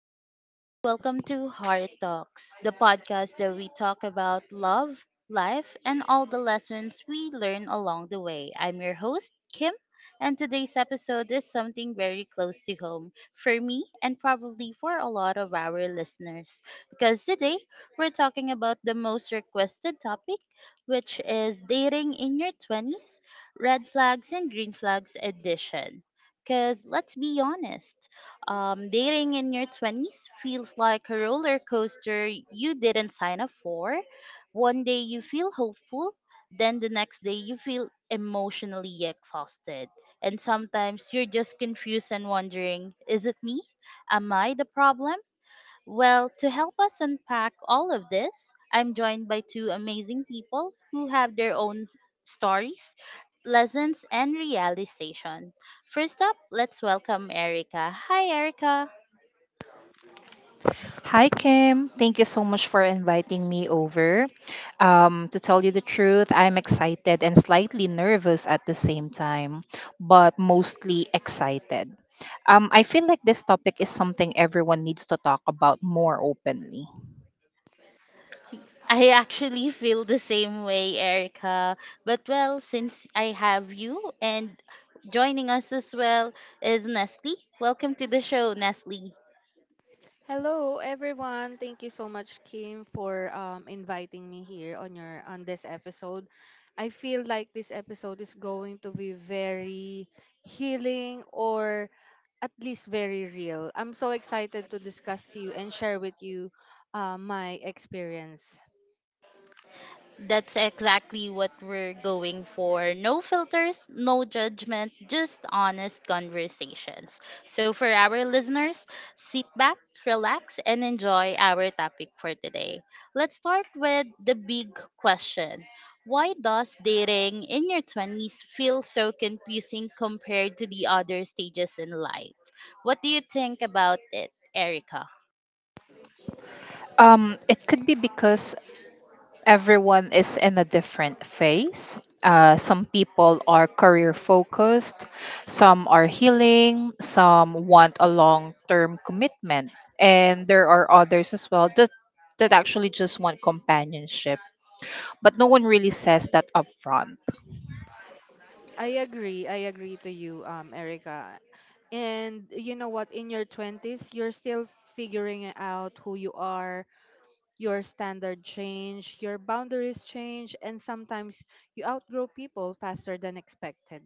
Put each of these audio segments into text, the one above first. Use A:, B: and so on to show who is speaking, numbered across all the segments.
A: everyone, and welcome to Heart Talks, the podcast that we talk about love, life, and all the lessons we learn along the way. I'm your host, Kim, and today's episode is something very close to home for me and probably for a lot of our listeners. Because today we're talking about the most requested topic, which is dating in your 20s, red flags and green flags edition. Because let's be honest. Dating in your 20s feels like a roller coaster you didn't sign up for. One day you feel hopeful, then the next day you feel emotionally exhausted. And sometimes you're just confused and wondering, is it me? Am I the problem? Well, to help us unpack all of this, I'm joined by two amazing people who have their own stories, lessons, and realization. First up, let's welcome Erica. Hi, Erica.
B: Hi, Kim. Thank you so much for inviting me over. To tell you the truth, I'm excited and slightly nervous at the same time, but mostly excited. I feel like this topic is something everyone needs to talk about more openly.
A: I actually feel the same way, Erica. But well, since I have you and joining us as well is Nestle. Welcome to the show, Nestle.
C: Hello everyone. Thank you so much Kim for inviting me here on your on this episode. I feel like this episode is going to be very healing, or at least very real. I'm so excited to discuss to you and share with you my experience.
A: That's exactly what we're going for. No filters, no judgment, just honest conversations. So, for our listeners, sit back, relax, and enjoy our topic for today. Let's start with the big question. Why does dating in your 20s feel so confusing compared to the other stages in life? What do you think about it, Erica?
B: It could be because everyone is in a different phase. Some people are career focused, some are healing, some want a long term commitment, and there are others as well that actually just want companionship. But no one really says that upfront.
C: I agree. I agree to you, Erica. And you know what, in your 20s you're still figuring out who you are. Your standard change, your boundaries change, and sometimes you outgrow people faster than expected.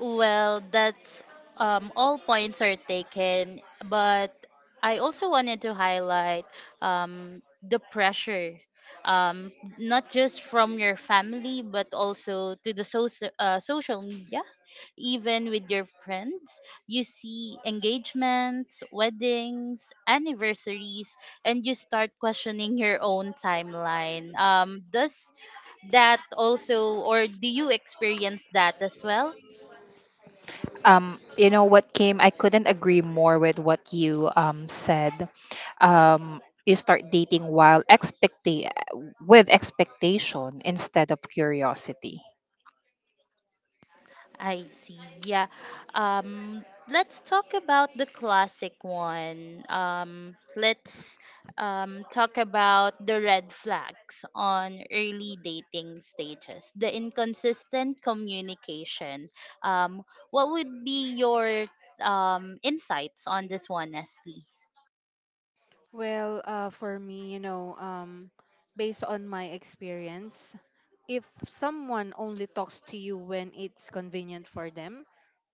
A: Well, that's all points are taken, but I also wanted to highlight the pressure, um, not just from your family, but also to the social media, even with your friends. You see engagements, weddings, anniversaries, and you start questioning your own timeline. Does that also, or do you experience that as well?
B: You know what, Kim? I couldn't agree more with what you said. You start dating while expecting with expectation instead of curiosity.
A: I see. Yeah. Um, let's talk about the classic one. Let's talk about the red flags on early dating stages, the inconsistent communication. Um, what would be your insights on this one, Nestle?
C: Well, for me, you know, based on my experience, if someone only talks to you when it's convenient for them,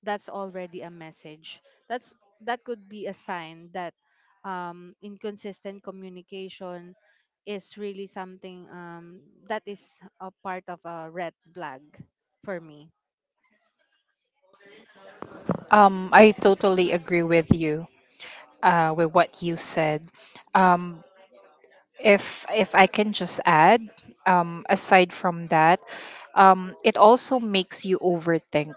C: that's already a message. That could be a sign that inconsistent communication is really something, that is a part of a red flag for me.
B: I totally agree with you, with what you said. Um, if I can just add, aside from that, it also makes you overthink.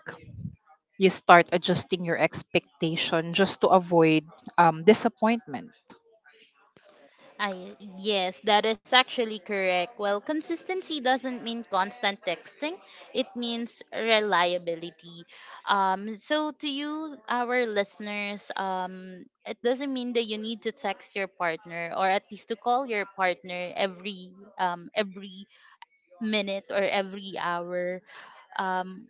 B: You start adjusting your expectation just to avoid disappointment.
A: I yes, that is actually correct. Well, consistency doesn't mean constant texting. It means reliability. So to you our listeners, um, it doesn't mean that you need to text your partner or at least to call your partner every minute or every hour. Um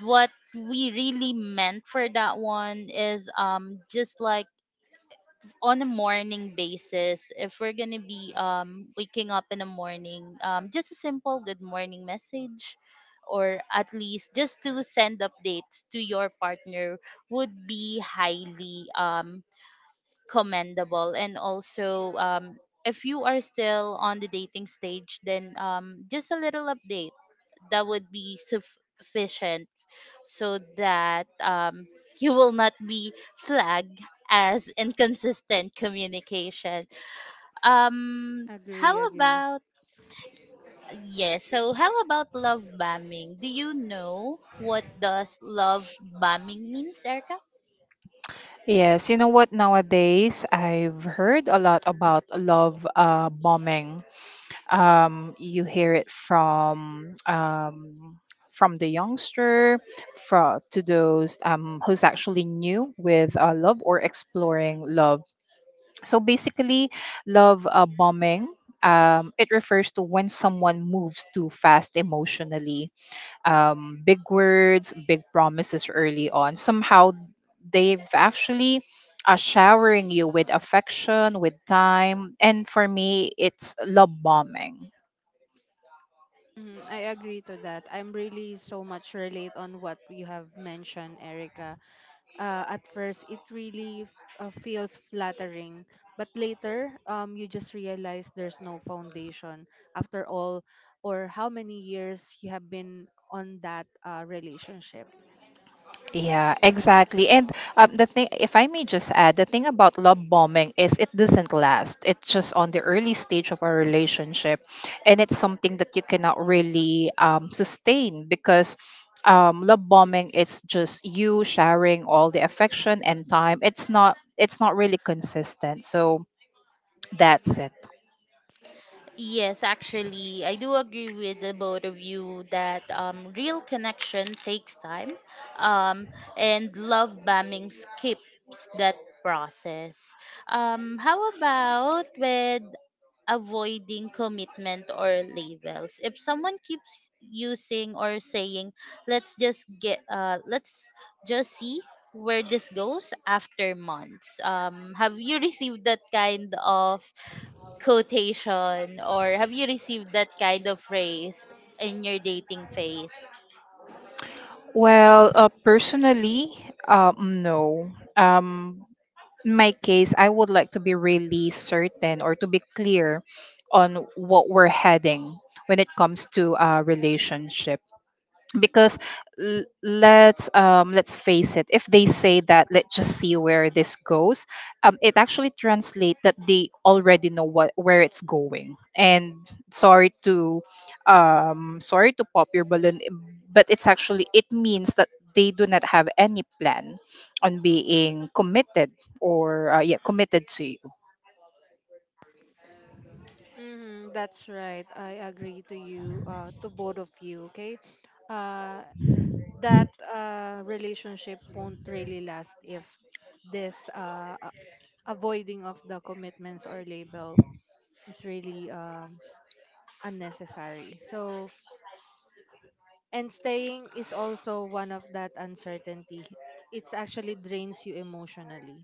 A: what we really meant for that one is um, just like on a morning basis, if we're going to be um, waking up in the morning, um, just a simple good morning message, or at least just to send updates to your partner would be highly commendable, and also if you are still on the dating stage, then um, just a little update, that would be sufficient so that you will not be flagged as inconsistent communication. Um, how
C: Agree.
A: about how about love bombing? Do you know what does love bombing means, Erica?
B: Yes, you know what? Nowadays, I've heard a lot about love bombing. You hear it from the youngster, from to those who's actually new with love or exploring love. So basically, love bombing. It refers to when someone moves too fast emotionally, big words, big promises early on. Somehow they've actually showering you with affection, with time. And for me, it's love bombing.
C: Mhm, I agree to that. I'm really so much relate on what you have mentioned, Erica. At first, it really feels flattering, but later, you just realize there's no foundation. After all, or how many years you have been on that relationship.
B: Yeah, exactly. And the thing, if I may just add, the thing about love bombing is it doesn't last. It's just on the early stage of a relationship, and it's something that you cannot really sustain because love bombing is just you sharing all the affection and time. It's not. It's not really consistent. So that's it.
A: Yes, actually, I do agree with the both of you that real connection takes time, um, and love bombing skips that process. How about with avoiding commitment or labels? If someone keeps using or saying, "Let's just see where this goes after months," have you received that kind of quotation, or have you received that kind of phrase in your dating phase?
B: Well, personally, no. In my case, I would like to be really certain or to be clear on what we're heading when it comes to a relationship because let's face it, if they say that, "Let's just see where this goes," it actually translates that they already know what where it's going, and sorry to sorry to pop your balloon, but it's actually, it means that they do not have any plan on being committed or yeah, committed to you.
C: Mm-hmm, that's right. I agree to you, to both of you. Okay. Uh, that relationship won't really last if this avoiding of the commitments or label is really unnecessary. So, and staying is also one of that uncertainty. It's actually drains you emotionally.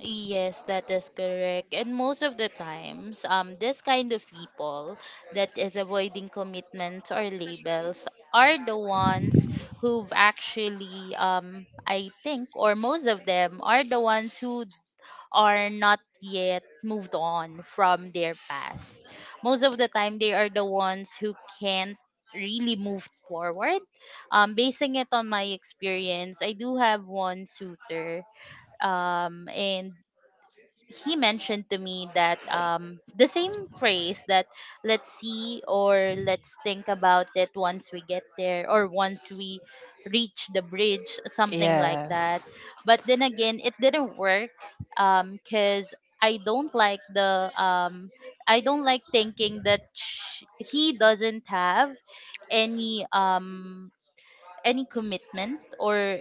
A: Yes, that is correct. And most of the times, this kind of people that is avoiding commitments or labels are the ones who've actually, I think, or most of them are the ones who are not yet moved on from their past. Most of the time, they are the ones who can't really move forward. Basing it on my experience, I do have one suitor, and he mentioned to me that um, the same phrase, that let's see, or let's think about it once we get there, or once we reach the bridge, something like that.
B: Yes.
A: But then again, it didn't work, cuz I don't like the I don't like thinking that he doesn't have any um any commitment or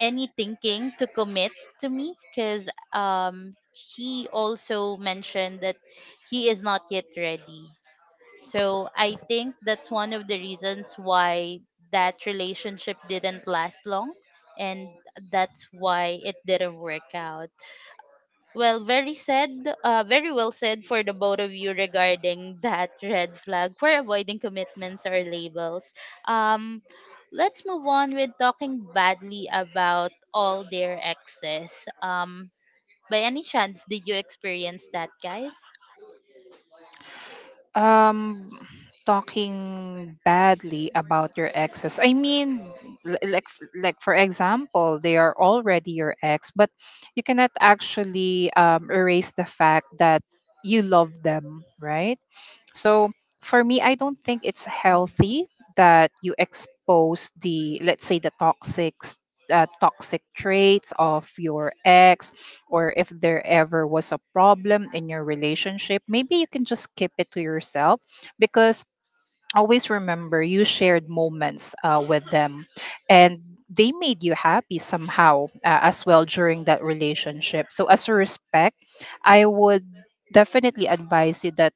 A: any thinking to commit to me, because um, he also mentioned that he is not yet ready. So I think that's one of the reasons why that relationship didn't last long, and that's why it didn't work out. Well, very well said for the both of you regarding that red flag for avoiding commitments or labels. Um, let's move on with talking badly about all their exes. By any chance, did you experience that, guys?
B: Um, Talking badly about your exes. I mean, like like for example, they are already your ex, but you cannot actually erase the fact that you love them, right? So for me, I don't think it's healthy that you expose the, let's say, the toxic, toxic traits of your ex, or if there ever was a problem in your relationship, maybe you can just keep it to yourself because always remember you shared moments with them, and they made you happy somehow as well during that relationship. So, as a respect, I would definitely advise you that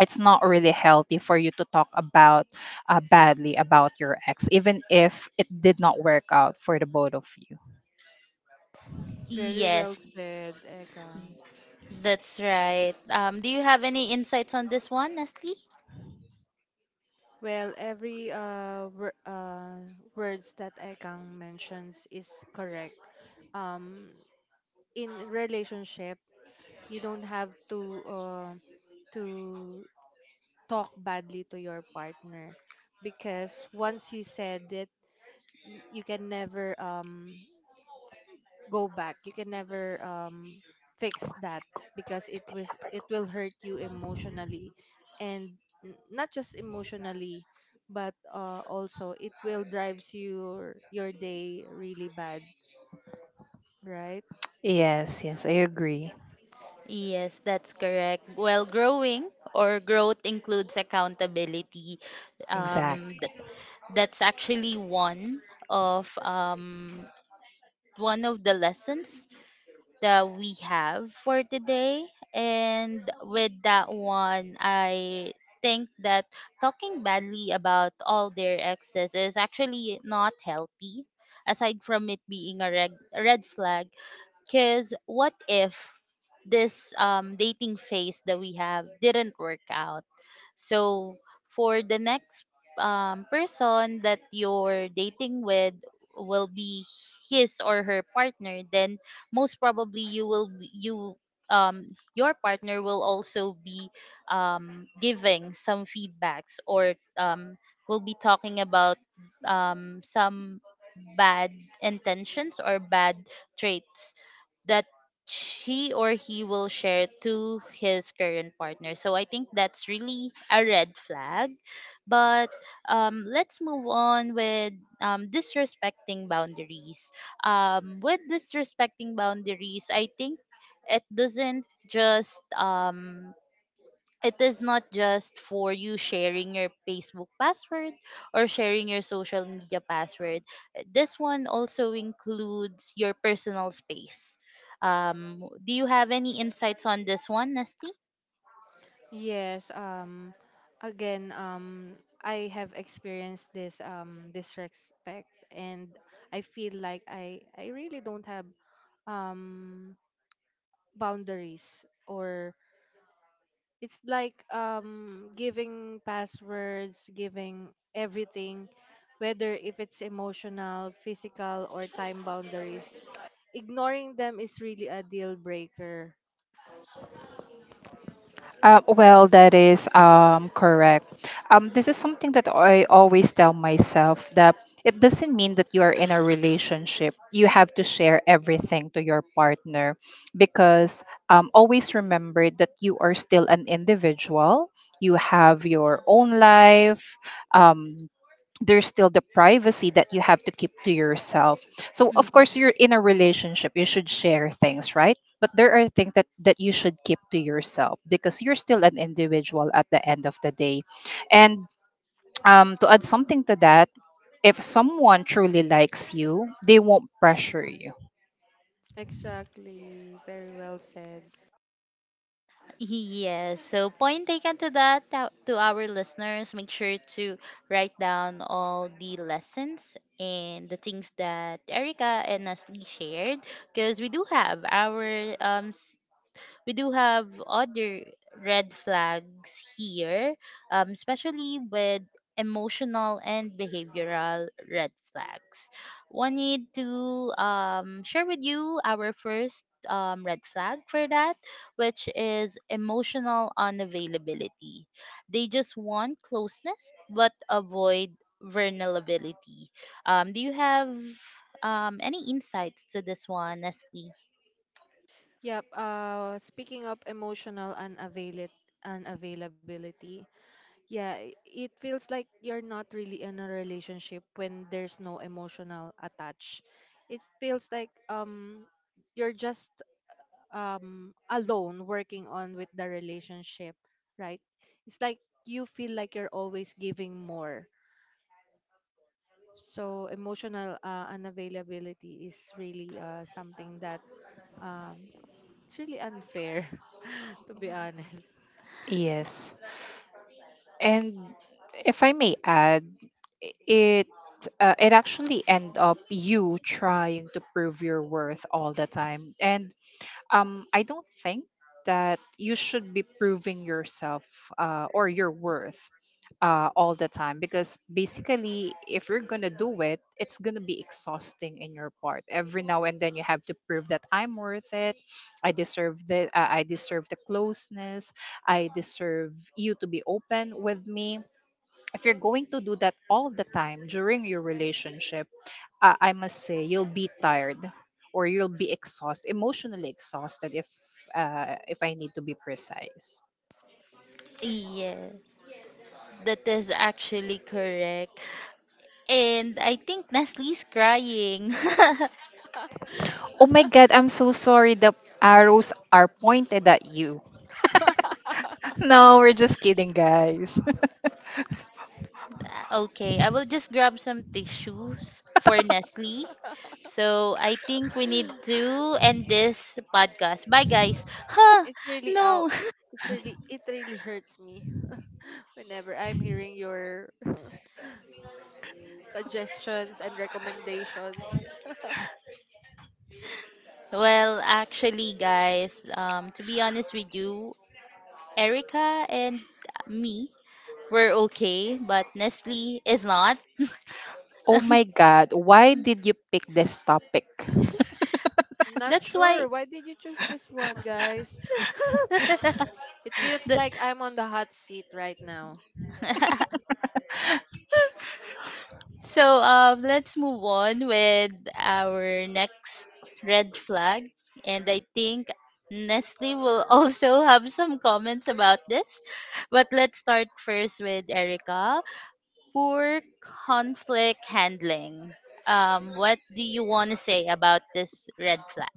B: it's not really healthy for you to talk about badly about your ex, even if it did not work out for the both of you.
C: Very well
A: Yes,
C: said, Ekang.
A: that's right. Do you have any insights on this one, Nestle?
C: Well, every words that Ekang mentions is correct. Um, in relationship, you don't have to. To talk badly to your partner, because once you said it, you can never go back, you can never fix that, because it will hurt you emotionally, and not just emotionally, but also it will drives your day really bad, right?
B: Yes, yes, I agree.
A: Yes, that's correct. Well, growing or growth includes accountability. Um,
B: Exactly.
A: that's actually of um one of the lessons that we have for today, and with that one, I think that talking badly about all their exes is actually not healthy, aside from it being a red flag. Because what if this um, dating phase that we have didn't work out, so for the next person that you're dating with, will be his or her partner, then most probably you um, your partner will also be um, giving some feedbacks, or um, will be talking about um, some bad intentions or bad traits that she or he will share to his current partner. So I think that's really a red flag. But let's move on with disrespecting boundaries. With disrespecting boundaries, I think it doesn't just it is not just for you sharing your Facebook password or sharing your social media password. This one also includes your personal space. Do you have any insights on this one, Nesty?
C: Yes, again, I have experienced this disrespect, and I feel like I really don't have um boundaries, or it's like giving passwords, giving everything, whether if it's emotional, physical or time boundaries. Ignoring them is really a deal breaker.
B: Well, that is correct. This is something that I always tell myself, that it doesn't mean that you are in a relationship, you have to share everything to your partner, because always remember that you are still an individual. You have your own life. Um, there's still the privacy that you have to keep to yourself. So
A: Mm-mm.
B: of course you're in a relationship, you should share things, right? But there are things that you should keep to yourself because you're still an individual at the end of the day. And to add something to that, if someone truly likes you, they won't pressure you.
C: Exactly. Very well said.
A: Yes. So point taken to that, to our listeners. Make sure to write down all the lessons and the things that Erica and Nestle shared, because we do have we do have other red flags here, especially with emotional and behavioral red flags. Wanted to share with you our first red flag for that, which is emotional unavailability. They just want closeness but avoid vulnerability. Do you have any insights to this one, Nestle?
C: Yep. Speaking of unavailability, yeah, it feels like you're not really in a relationship when there's no emotional attached. It feels like you're just alone working on with the relationship, right? It's like you feel like you're always giving more. So emotional unavailability is really something that um it's really unfair, to be honest.
B: Yes. And if I may add, it it actually end up you trying to prove your worth all the time. And I don't think that you should be proving yourself or your worth all the time, because basically, if you're gonna do it, it's gonna be exhausting in your part. Every now and then, you have to prove that I'm worth it. I deserve the I deserve the closeness. I deserve you to be open with me. If you're going to do that all the time during your relationship, I must say you'll be tired, or you'll be exhausted, emotionally exhausted. If I need to be precise.
A: Yes. That is actually correct. And I think Nestle's crying.
B: Oh my God, I'm so sorry. The arrows are pointed at you. No, we're just kidding, guys.
A: Okay, I will just grab some tissues for Nestle. So I think we need to end this podcast. Bye, guys. Huh?
C: It's really
A: No.
C: out. It's really it really hurts me whenever I'm hearing your suggestions and recommendations.
A: Well, actually, guys, to be honest with you, Erica and me were okay, but Nestle is not.
B: Oh my God, why did you pick this topic?
C: I'm not
A: That's why.
C: sure why did you choose this one, guys. It feels
A: That
C: like I'm on the hot seat right now.
A: So let's move on with our next red flag, and I think Nestle will also have some comments about this. But let's start first with Erica. Poor conflict handling. What do you want to say about this red flag?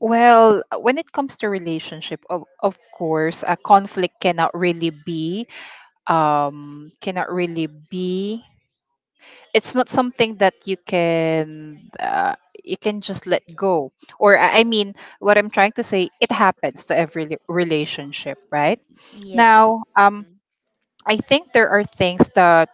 B: Well, when it comes to relationship, of course, a conflict cannot really be um cannot really be it's not something that you can just let go, or I mean, what I'm trying to say, it happens to every relationship, right?
A: Yes.
B: Now, I think there are things that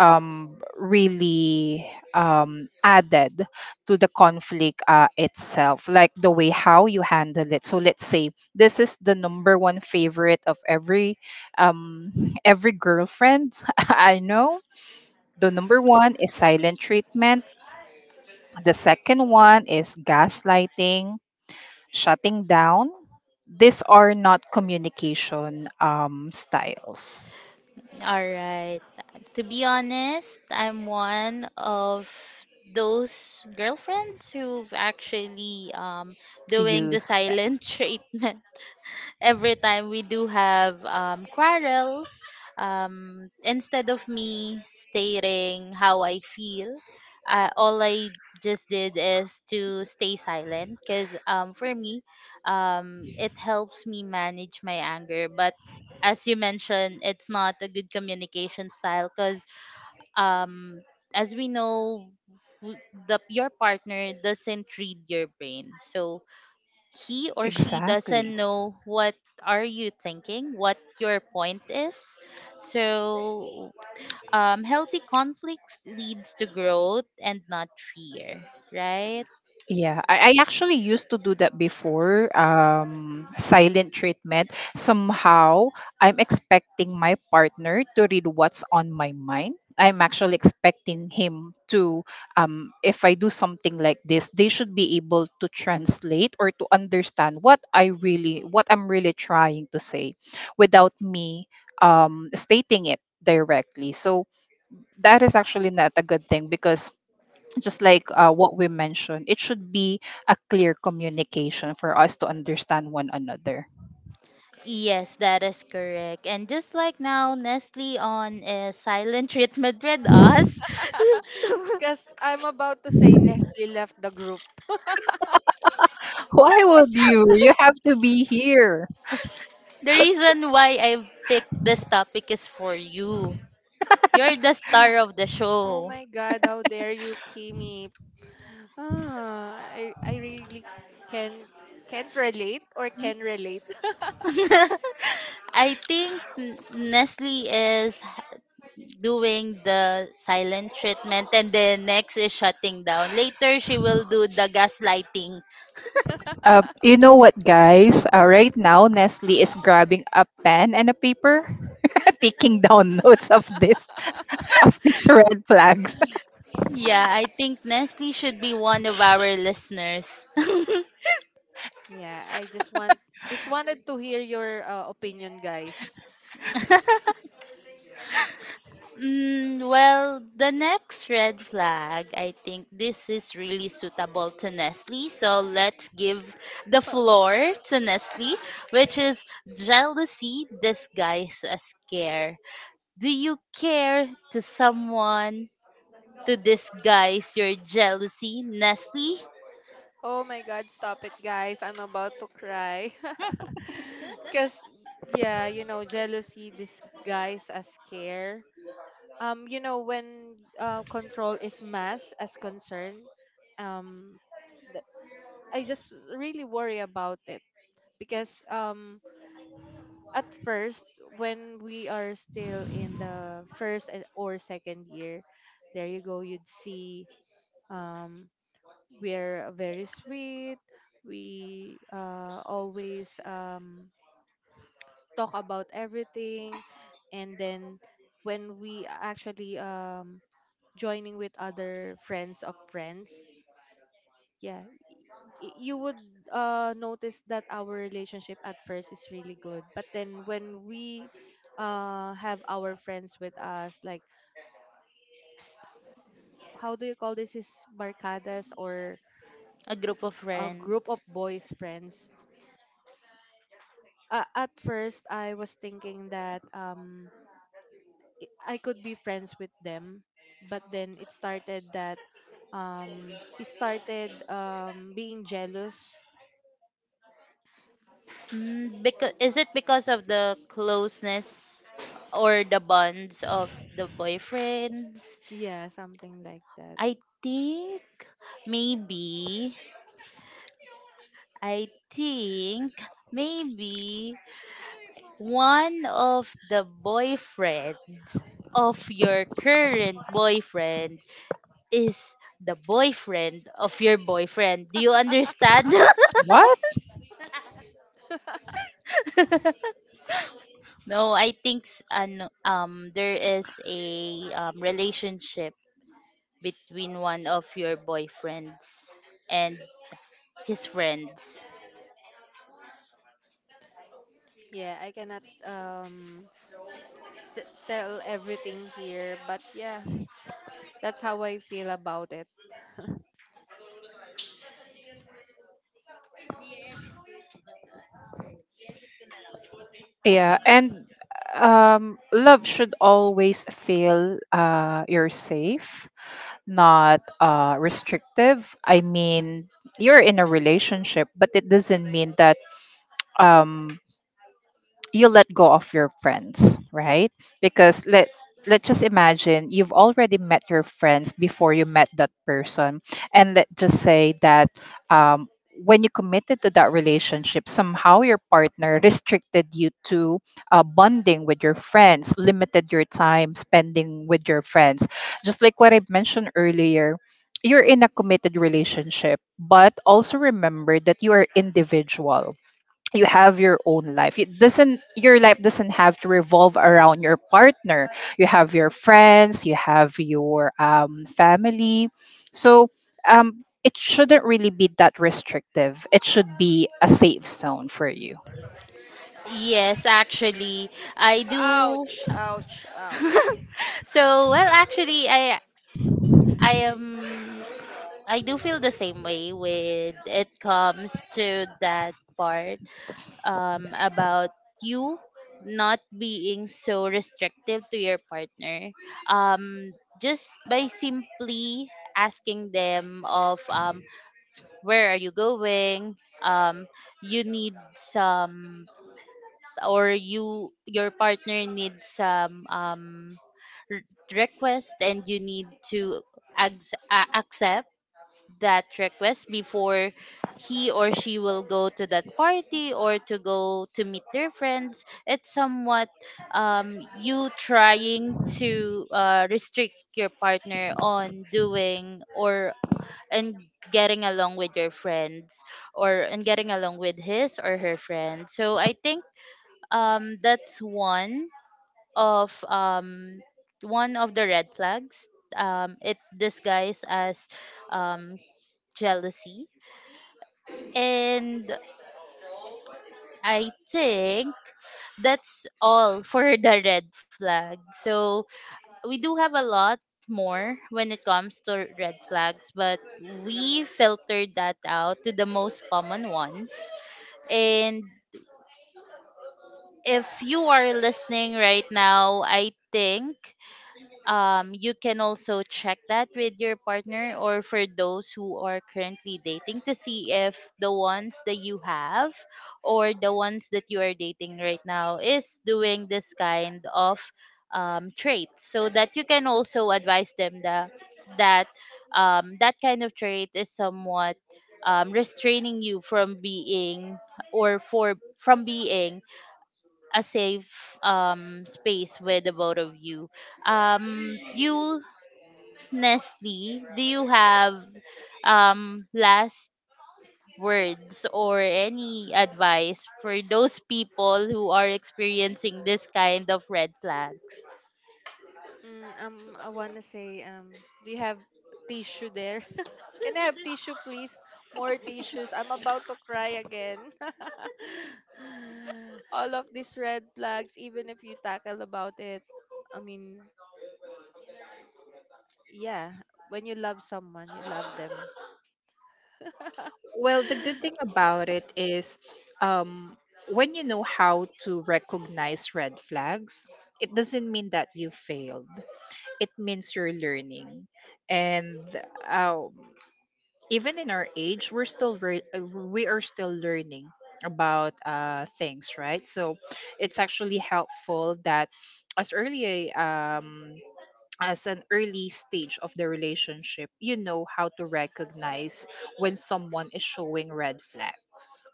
B: really added to the conflict itself, like the way how you handle it. So let's say this is the number one favorite of every um every girlfriend I know. The number one is silent treatment, the second one is gaslighting, shutting down. These are not communication styles
A: All right. To be honest, I'm one of those girlfriends who've actually um, doing the
B: used.
A: silent treatment every time we do have quarrels. Um, instead of me stating how I feel, all I just did is to stay silent, because for me, it helps me manage my anger. But as you mentioned, it's not a good communication style, because um, as we know, w- the your partner doesn't read your brain, so he or she
B: Exactly.
A: doesn't know what are you thinking, what your point is. So healthy conflicts leads to growth and not fear, right?
B: Yeah, I actually used to do that before. Silent treatment. Somehow, I'm expecting my partner to read what's on my mind. I'm actually expecting him to, if I do something like this, they should be able to translate or to understand what I really, what I'm really trying to say, without me stating it directly. So that is actually not a good thing, because just like what we mentioned, it should be a clear communication for us to understand one another.
A: Yes, that is correct, and just like now, Nestle on a silent treatment with us.
C: Because I'm about to say Nestle left the group.
B: Why would you? You have to be here.
A: The reason why I picked this topic is for you. You're the star of the
C: Oh
A: show.
C: my God, how dare you, Kimi? Ah, I really can can't relate or can relate.
A: I think Nestle is doing the silent treatment, and then next is shutting down. Later she will do the gaslighting.
B: You know what, guys? Right now, Nestle is grabbing a pen and a paper, taking down notes of this. It's red flags.
A: Yeah, I think Nestle should be one of our listeners.
C: Yeah, I just want just wanted to hear your opinion, guys.
A: Mm, well, the next red flag, I think this is really suitable to Nestle. So let's give the floor to Nestle, which is jealousy disguised as care. Do you care to someone to disguise your jealousy, Nestle?
C: Oh my God, stop it, guys! I'm about to cry. Cause yeah, you know, jealousy disguised as care. You know, when control is mass as concern, um, th- I just really worry about it because at first, when we are still in the or second year, there you go, you'd see um we're very sweet, we always talk about everything. And then when we actually joining with other friends of friends, yeah, you would notice that our relationship at first is really good, but then when we have our friends with us, like, how do you call this, is barcadas, or
A: A group of
C: a group
A: friends.
C: of boys friends. At first I was thinking that I could be friends with them, but then it started that he started being jealous,
A: Mm, because is it because of the closeness or the bonds of the boyfriends?
C: yeah, something like that.
A: I think maybe I think maybe one of the boyfriends of your current boyfriend is the boyfriend of your boyfriend. Do you understand?
B: What?
A: No, I think um, there is a relationship between one of your boyfriends and his friends.
C: Yeah, I cannot tell everything here, but yeah, that's how I feel about it.
B: Yeah, and love should always feel you're safe, not restrictive. I mean, you're in a relationship, but it doesn't mean that um, you let go of your friends, right? Because let's just imagine you've already met your friends before you met that person, and let's just say that um, when you committed to that relationship, somehow your partner restricted you to bonding with your friends, limited your time spending with your friends. Just like what I mentioned earlier. You're in a committed relationship, but also remember that you are individual. You have your own life. It doesn't, your life doesn't have to revolve around your partner. You have your friends, you have your family. So it shouldn't really be that restrictive, it should be a safe zone for you.
A: Yes, actually, I do.
C: Ouch, ouch, ouch.
A: so, well, actually, I am I do feel the same way when it comes to that part about you not being so restrictive to your partner, just by simply asking them of where are you going. um, you need some, or you, your partner needs some, r- request, and you need to ac- accept that request before he or she will go to that party or to go to meet their friends. It's somewhat you trying to restrict your partner on doing, or and getting along with your friends, or and getting along with his or her friends. So I think that's of um, one of the red flags. It disguised as um, jealousy. And I think that's all for the red flag. So we do have a lot more when it comes to red flags, but we filtered that out to the most common ones. And if you are listening right now, I think you can also check that with your partner, or for those who are currently dating, to see if the ones that you have, or the ones that you are dating right now, is doing this kind of traits, so that you can also advise them that that that kind of trait is somewhat restraining you from being, or for from being a safe space with the both of you. You, Nestle, do you have last words or any advice for those people who are experiencing this kind of red flags?
C: Mm, I wanna say, do you have tissue there? Can I have tissue, please? More tissues. I'm about to cry again. All of these red flags, even if you tackle about it, I mean, yeah, when you love someone, you love them.
B: Well, the good thing about it is um, when you know how to recognize red flags, it doesn't mean that you failed. It means you're learning. And um, even in our age, we're still we are still learning about things, right? So it's actually helpful that as early a as an early stage of the relationship, you know how to recognize when someone is showing red flags.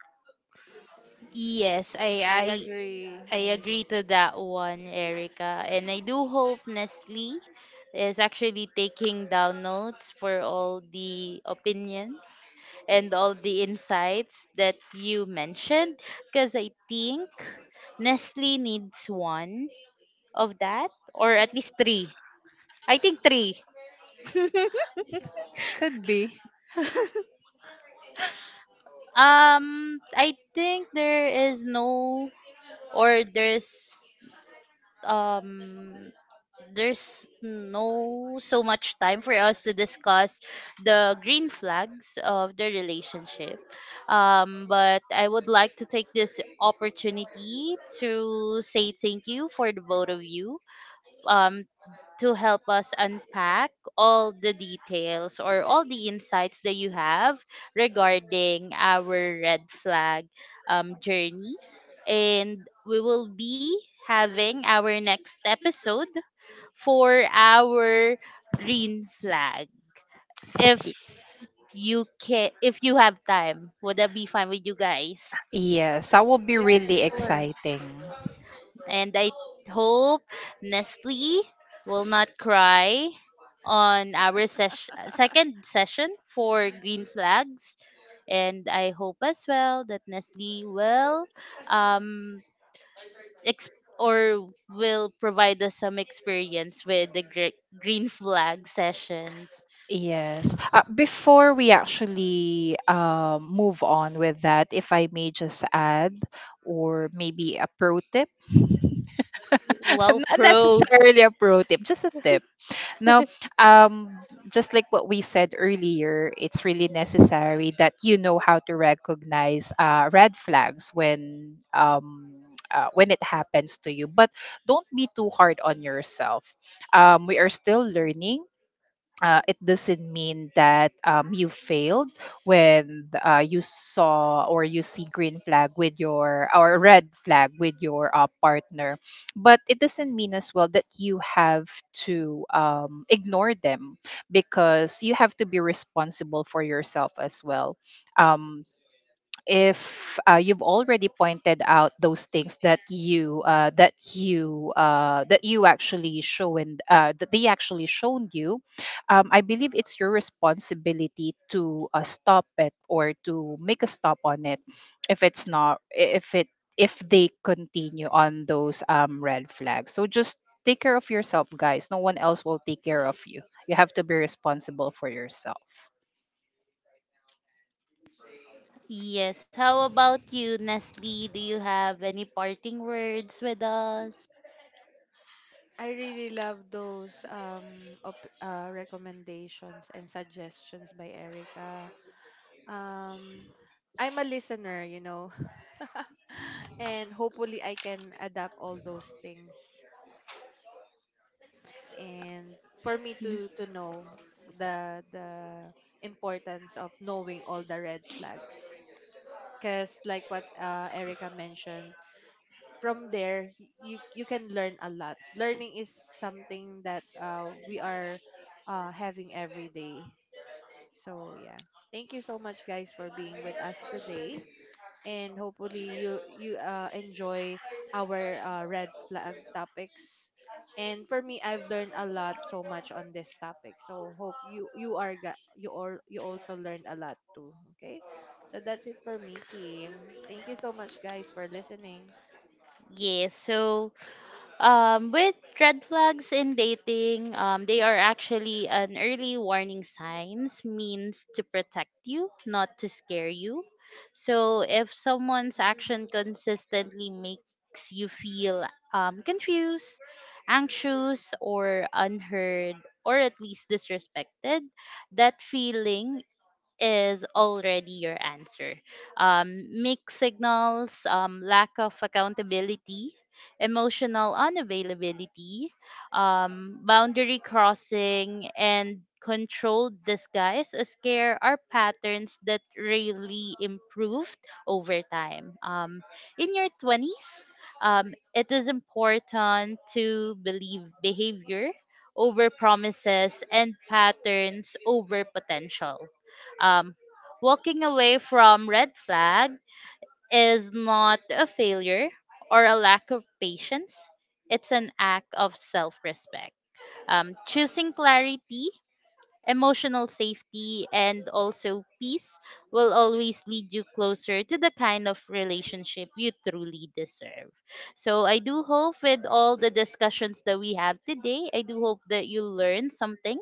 A: Yes, I
C: I
A: I
C: agree.
A: I
C: I
A: agree
C: agree.
A: to that one, Erica. And I do hope Nestle is actually taking down notes for all the opinions and all the insights that you mentioned. Because I think Nestle needs one of that, or at least three. I think three.
B: Could be.
A: I think there is no, or um there's no so much time for us to discuss the green flags of the relationship. But I would like to take this opportunity to say thank you for the both of you. Um, to help us unpack all the details or all the insights that you have regarding our red flag journey. And we will be having our next episode for our green flag. If you can, if you have time, would that be fine with you guys?
B: Yes, that will be
C: Yeah,
B: really
C: sure.
B: exciting.
A: And I hope Nestle will not cry on our second session for green flags. And I hope as well that Nestle will um, or will provide us some experience with the green flag sessions.
B: Yes. Before we actually move on with that, if I may just add, or maybe a pro tip,
A: Wow,
B: not
A: pro.
B: necessarily a pro tip, just a tip. Now, um, just like what we said earlier, it's really necessary that you know how to recognize red flags when it happens to you. But don't be too hard on yourself. We are still learning. Uh, It doesn't mean that you failed when you saw, or you see green flag with your, or red flag with your partner, but it doesn't mean as well that you have to ignore them, because you have to be responsible for yourself as well. um, if you've already pointed out those things that you that you that you actually shown, that they actually shown you, I believe it's your responsibility to stop it or to make a stop on it if it's not, if it if they continue on those red flags. So just take care of yourself, guys. No one else will take care of you. You have to be responsible for yourself.
A: Yes. How about you, Nestle? Do you have any parting words with us?
C: I really love those recommendations and suggestions by Erica. Um, I'm a listener, you know, and hopefully I can adapt all those things. And for me to to know the importance of knowing all the red flags, because like what Erica mentioned, from there, you you can learn a lot. Learning is something that we are having every day. So yeah, thank you so much guys for being with us today, and hopefully you enjoy our red flag topics. And for me, I've learned a lot so much on this topic, so hope you you all you also learned a lot too. Okay, so that's it for me, Kim. Thank you so much guys for listening.
A: Yes. So um, with red flags in dating, um, they are actually an early warning signs, means to protect you, not to scare you. So if someone's action consistently makes you feel confused, anxious, or unheard, or at least disrespected, that feeling is already your answer. Mixed signals, lack of accountability, emotional unavailability, boundary crossing, and controlled disguise as care are patterns that really improved over time. In your 20s, it is important to believe behavior over promises and patterns over potential. Um, walking away from red flag is not a failure or a lack of patience. It's an act of self-respect. Choosing clarity, emotional safety, and also peace will always lead you closer to the kind of relationship you truly deserve. So I do hope with all the discussions that we have today, I do hope that you learned something.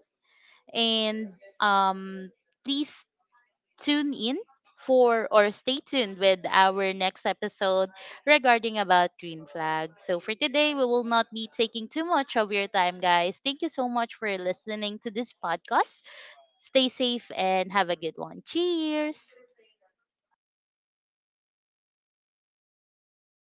A: And um, please tune in for, or stay tuned with our next episode regarding about green flag. So for today, we will not be taking too much of your time, guys. Thank you so much for listening to this podcast. Stay safe and have a good one. Cheers.